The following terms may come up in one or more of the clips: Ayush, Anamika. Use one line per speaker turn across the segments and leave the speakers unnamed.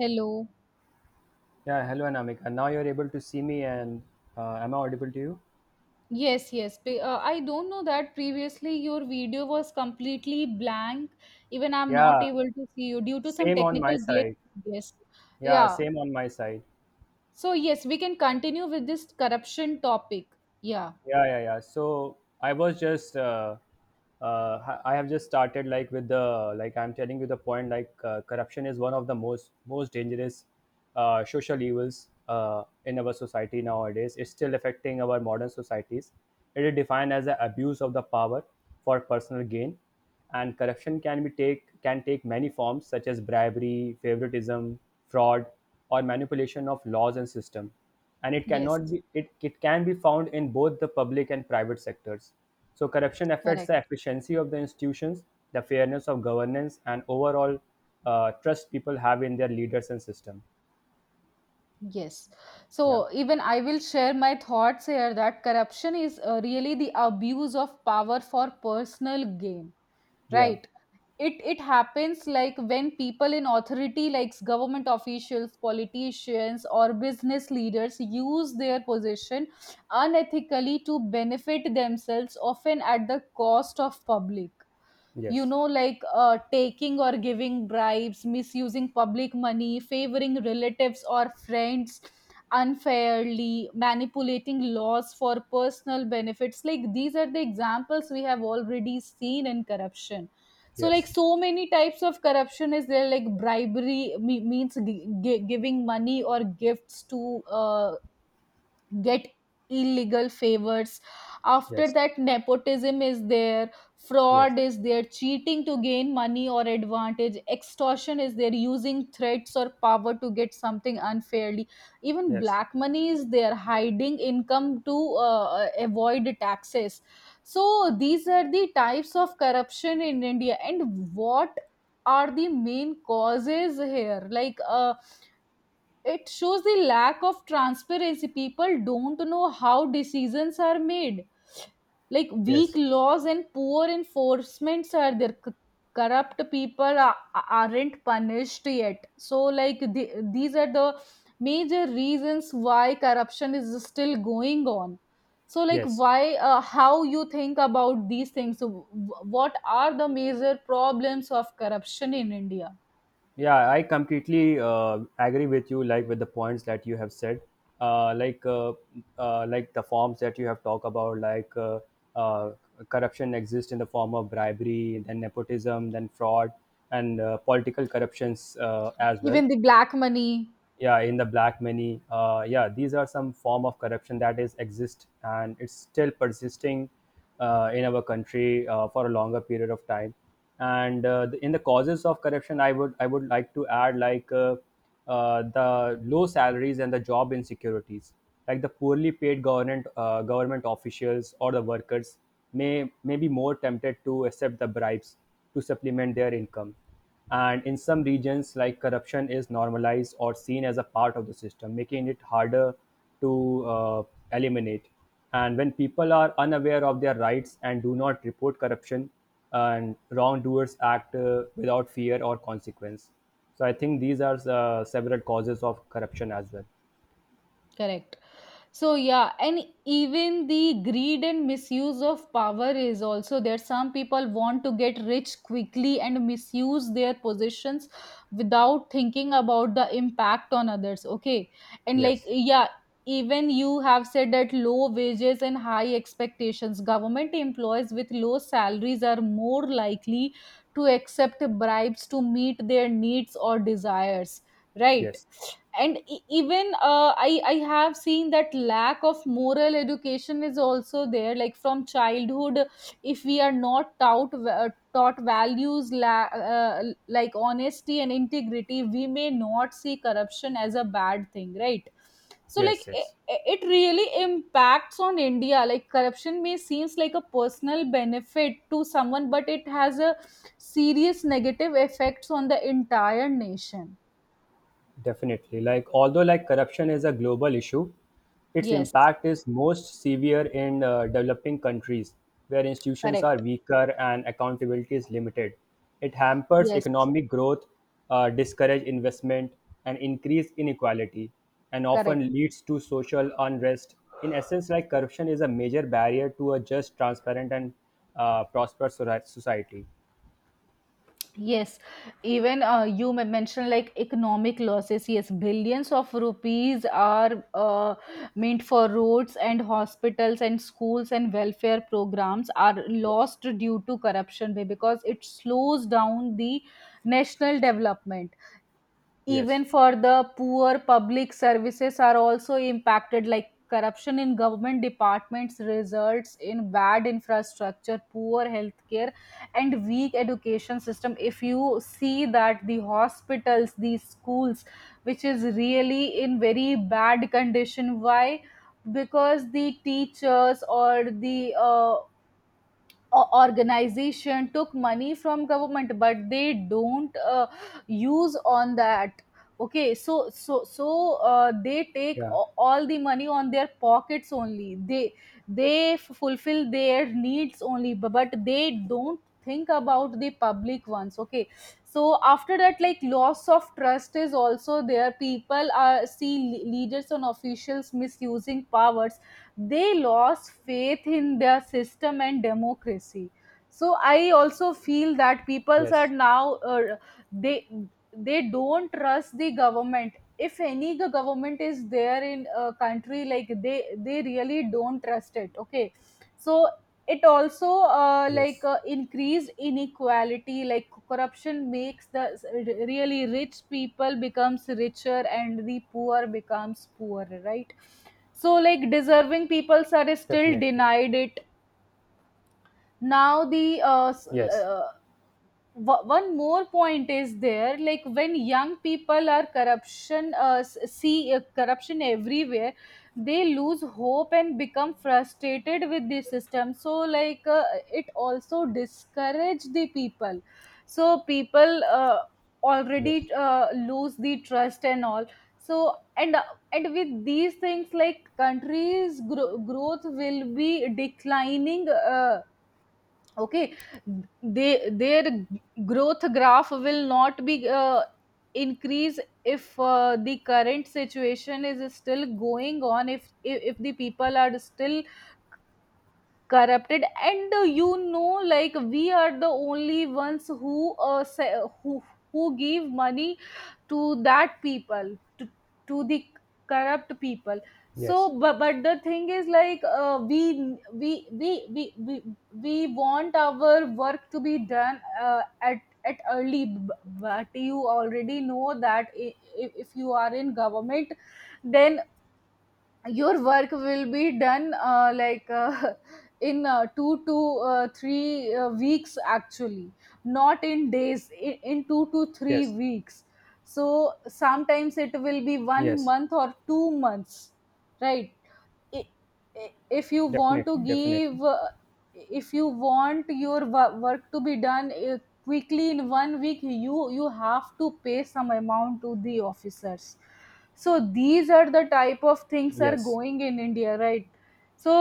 Hello.
Yeah, hello Anamika. Now you're able to see me and am I audible to you?
Yes, yes. I don't know that previously your video was completely blank. Even I'm not
Yeah,
able to see you due to some
same on my
technical glitch.
side.
Yes.
Yeah,
Yeah.
same on my side.
So, yes, we can continue with this corruption topic. Yeah.
Yeah, yeah, yeah. So I was just, I have just started like with the like I'm telling you the point like corruption is one of the most dangerous social evils in our society nowadays. It's still affecting our modern societies. It is defined as the abuse of the power for personal gain, and corruption can be take can take many forms such as bribery, favoritism, fraud, or manipulation of laws and system, and it
Yes.
cannot be it, it can be found in both the public and private sectors. So corruption affects
Correct.
the efficiency of the institutions, the fairness of governance, and overall trust people have in their leaders and system.
Yes.
Yeah.
So, even I will share my thoughts here that corruption is really the abuse of power for personal gain,
Yeah.
right? It happens like when people in authority like government officials, politicians, or business leaders use their position unethically to benefit themselves, often at the cost of public, you
Yes,
know, like taking or giving bribes, misusing public money, favoring relatives or friends unfairly, manipulating laws for personal benefits. Like these are the examples we have already seen in corruption. So like,
yes,
so many types of corruption is there, like bribery means giving money or gifts to get illegal favors. After
yes,
that, nepotism is there,
yes,
fraud is there, cheating to gain money or advantage, extortion is there, using threats or power to get something unfairly. Even
yes,
black money is there, hiding income to avoid taxes. So these are the types of corruption in India. And what are the main causes here, like? It shows the lack of transparency, people don't know how decisions are made, like weak
yes,
laws and poor enforcements are there. Corrupt people are, aren't punished yet. So like the, these are the major reasons why corruption is still going on. So like,
yes.
why how you think about these things? So, what are the major problems of corruption in India?
Yeah, I completely agree with you. Like with the points that you have said, uh, like uh, like the forms that you have talked about, like uh, corruption exists in the form of bribery, then nepotism, then fraud, and political corruptions as well.
Even the black money.
Yeah, in the black money, yeah, these are some form of corruption that is exist and it's still persisting in our country for a longer period of time. And in the causes of corruption, I would like to add like the low salaries and the job insecurities, like the poorly paid government officials or the workers may be more tempted to accept the bribes to supplement their income. And in some regions, like corruption is normalized or seen as a part of the system, making it harder to eliminate. And when people are unaware of their rights and do not report corruption, and wrongdoers act without fear or consequence. So I think these are several causes of corruption as well.
Correct. So yeah, and even the greed and misuse of power is also there. Some people want to get rich quickly and misuse their positions without thinking about the impact on others. Okay. And like
Yes,
yeah, even you have said that low wages and high expectations. Government employees with low salaries are more likely to accept bribes to meet their needs or desires. Right.
yes,
And even I have seen that lack of moral education is also there. Like from childhood, if we are not taught taught values, like honesty and integrity, we may not see corruption as a bad thing, right? So like
yes,
it,
yes.
it really impacts on India. Like corruption may seems like a personal benefit to someone, but it has a serious negative effects on the entire nation.
Definitely. Like, although like corruption is a global issue, its
Yes.
impact is most severe in developing countries where institutions are
Correct.
weaker and accountability is limited. It hampers
Yes,
economic growth, discourage investment, and increase inequality, and
correct.
often leads to social unrest. In essence, like corruption is a major barrier to a just, transparent, and prosperous sori- society.
Yes, even you mentioned like economic losses. Yes, billions of rupees are meant for roads and hospitals and schools and welfare programs are
Yes.
lost due to corruption, because it slows down the national development.
Yes.
Even for the poor, public services are also impacted. Like corruption in government departments results in bad infrastructure, poor healthcare, and weak education system. If you see that the hospitals, these schools, which is really in very bad condition, why? Because the teachers or the organization took money from government, but they don't use on that. Okay, so so they take
Yeah.
all the money on their pockets only. They fulfill their needs only, but they don't think about the public ones. Okay. So after that, like loss of trust is also there. People are see leaders and officials misusing powers, they lost faith in their system and democracy. So I also feel that peoples are
Yes.
now they they don't trust the government. If any government is there in a country, like they really don't trust it. Okay. So it also
Yes.
increased inequality. Like corruption makes the really rich people becomes richer and the poor becomes poorer, right? So like deserving people are still
Definitely.
denied it. Now the
Yes,
one more point is there, like when young people see corruption everywhere, they lose hope and become frustrated with the system. So like it also discourage the people. So people
yes,
already lose the trust and all. So and with these things, like countries growth will be declining, okay, they their growth graph will not be increase, if the current situation is still going on, if the people are still corrupted. And you know, like we are the only ones who who who give money to that people, to the corrupt people.
yes,
So but the thing is like we want our work to be done at early, but you already know that if you are in government, then your work will be done in two to three weeks actually, not in days, in two to three
yes,
weeks So sometimes it will be one
yes,
month or 2 months, right? i- if you want
definitely,
to
definitely.
give if you want your work to be done quickly in 1 week, you have to pay some amount to the officers. So these are the type of things are
Yes,
going in India, right? So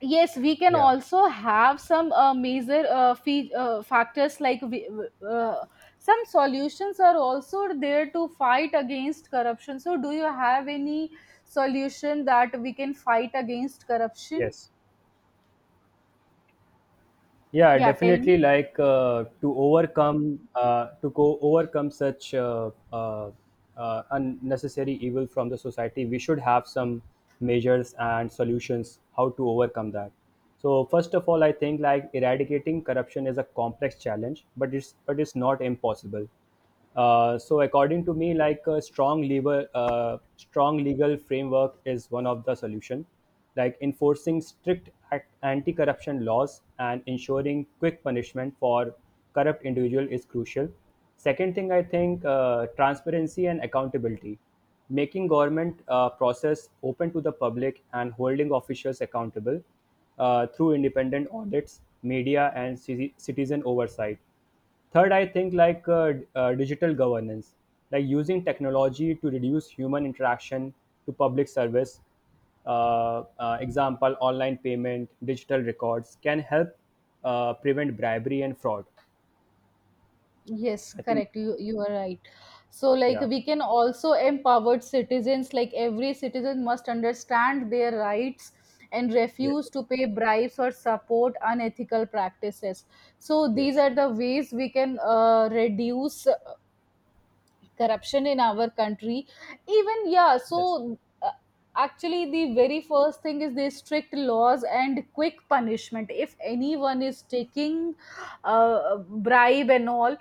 yes, we can
yeah,
also have some major factors, like we, uh, some solutions are also there to fight against corruption. So do you have any solution that we can fight against corruption?
yes, yeah,
Yeah, tell me.
definitely. Like to go overcome such unnecessary evil from the society, we should have some measures and solutions how to overcome that. So first of all, I think like eradicating corruption is a complex challenge, but it's not impossible. So according to me, like strong legal framework is one of the solution, like enforcing strict ac- anti-corruption laws and ensuring quick punishment for corrupt individual is crucial. Second thing, I think transparency and accountability, making government process open to the public and holding officials accountable through independent audits, media, and ci- citizen oversight. Third, I think like digital governance, like using technology to reduce human interaction to public service. Example, online payment, digital records can help prevent bribery and fraud.
Yes,
I think,
correct. You are right. So like
yeah,
we can also empower citizens. Like every citizen must understand their rights and
yes,
refuse to pay bribes or support unethical practices. So these
yes,
are the ways we can reduce corruption in our country. Even yeah,
yes,
so actually the very first thing is the strict laws and quick punishment. If anyone is taking bribe and all,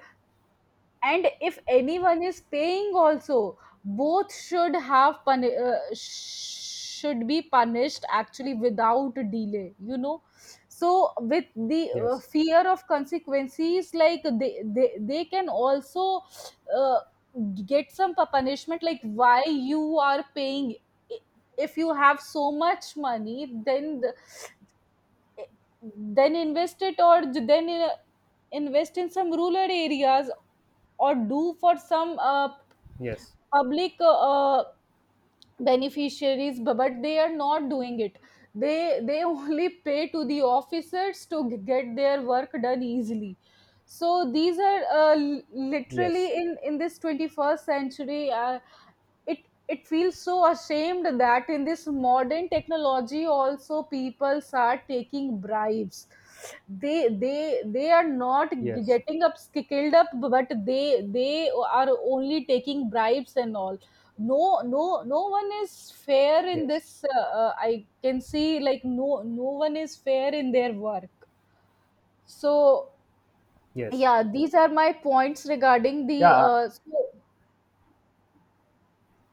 and if anyone is paying also, both should have should be punished actually without delay, you know. So with the
yes,
fear of consequences, like they can also uh, get some punishment. Like why you are paying? I- if you have so much money, then eh, then invest it, or then invest in some rural areas, or do for some
yes,
public uh, beneficiaries. But they are not doing it. They only pay to the officers to get their work done easily. So these are literally
yes,
in this 21st century, it it feels so ashamed that in this modern technology also, people are taking bribes. They they are not
yes,
getting up, skilled up, but they are only taking bribes and all. No, no, no one is fair in
yes,
this, I can see like no, no one is fair in their work. So
yes.
yeah, these are my points regarding the
Yeah,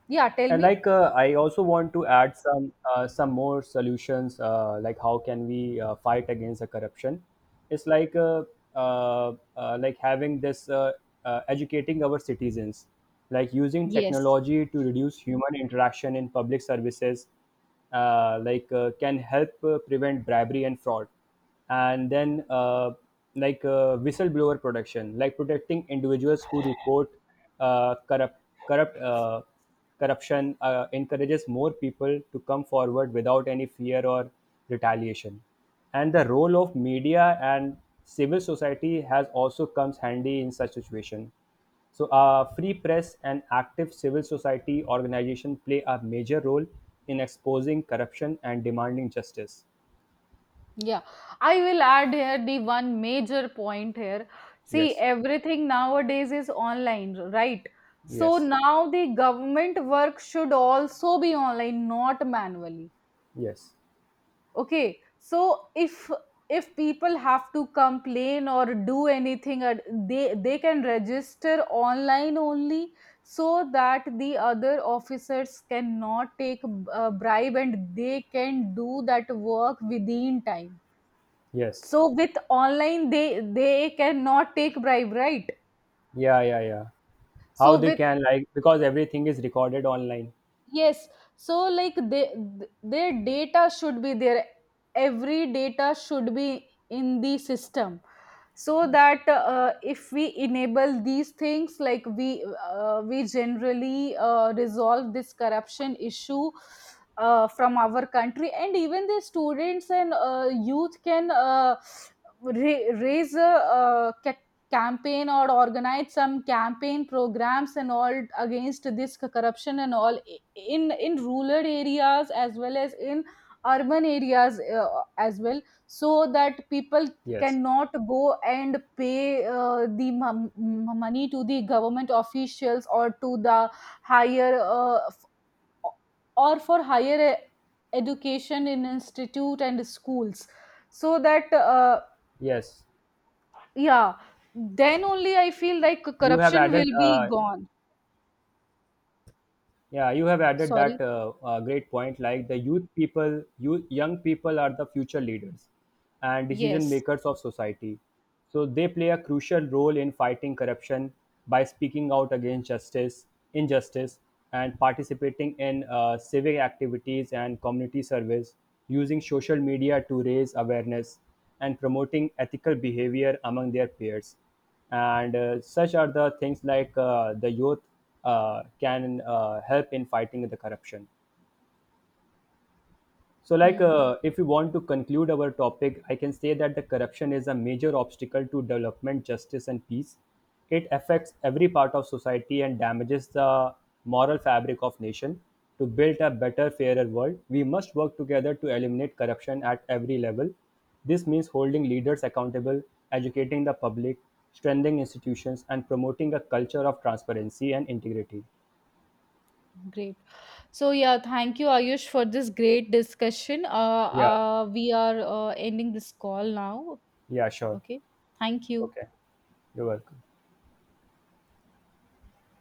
yeah, tell
and
me.
like I also want to add some more solutions, like how can we fight against the corruption? It's like having this educating our citizens, like using
Yes.
technology to reduce human interaction in public services, can help prevent bribery and fraud. And then whistleblower protection, like protecting individuals who report uh, corrupt corrupt uh, corruption, encourages more people to come forward without any fear or retaliation. And the role of media and civil society has also comes handy in such situation. So, free press and active civil society organization play a major role in exposing corruption and demanding justice.
Yeah, I will add here the one major point here. See,
Yes.
everything nowadays is online, right? So
Yes.
now the government work should also be online, not manually.
Yes.
Okay. So if people have to complain or do anything, they can register online only, so that the other officers cannot take bribe and they can do that work within time.
Yes.
So with online, they cannot take bribe, right?
Yeah, yeah, yeah. How
So
they
with,
can, like because everything is recorded online.
yes, so like they th- their data should be there, every data should be in the system, so that if we enable these things, like we generally resolve this corruption issue from our country. And even the students and youth can raise a uh, campaign or organize some campaign programs and all against this corruption and all, in rural areas as well as in urban areas as well, so that people
Yes.
cannot go and pay the money to the government officials or to the higher f- or for higher education in institute and schools, so that
Yes.
yeah, then only I feel like
You have
corruption
added
will be gone.
Yeah, you have added that
Sorry.
great point. Like the young people are the future leaders and decision
Yes.
makers of society. So they play a crucial role in fighting corruption by speaking out against injustice, and participating in civic activities and community service, using social media to raise awareness and promoting ethical behavior among their peers. And such are the things like the youth can help in fighting the corruption. So, like,
Hmm.
if we want to conclude our topic, I can say that the corruption is a major obstacle to development, justice, and peace. It affects every part of society and damages the moral fabric of nation. To build a better, fairer world, we must work together to eliminate corruption at every level. This means holding leaders accountable, educating the public, strengthening institutions, and promoting a culture of transparency and integrity.
Great. So yeah, thank you, Ayush, for this great discussion. Uh,
Yeah,
uh, we are uh, ending this call now.
yeah, sure.
Okay. Thank you.
Okay, you're welcome.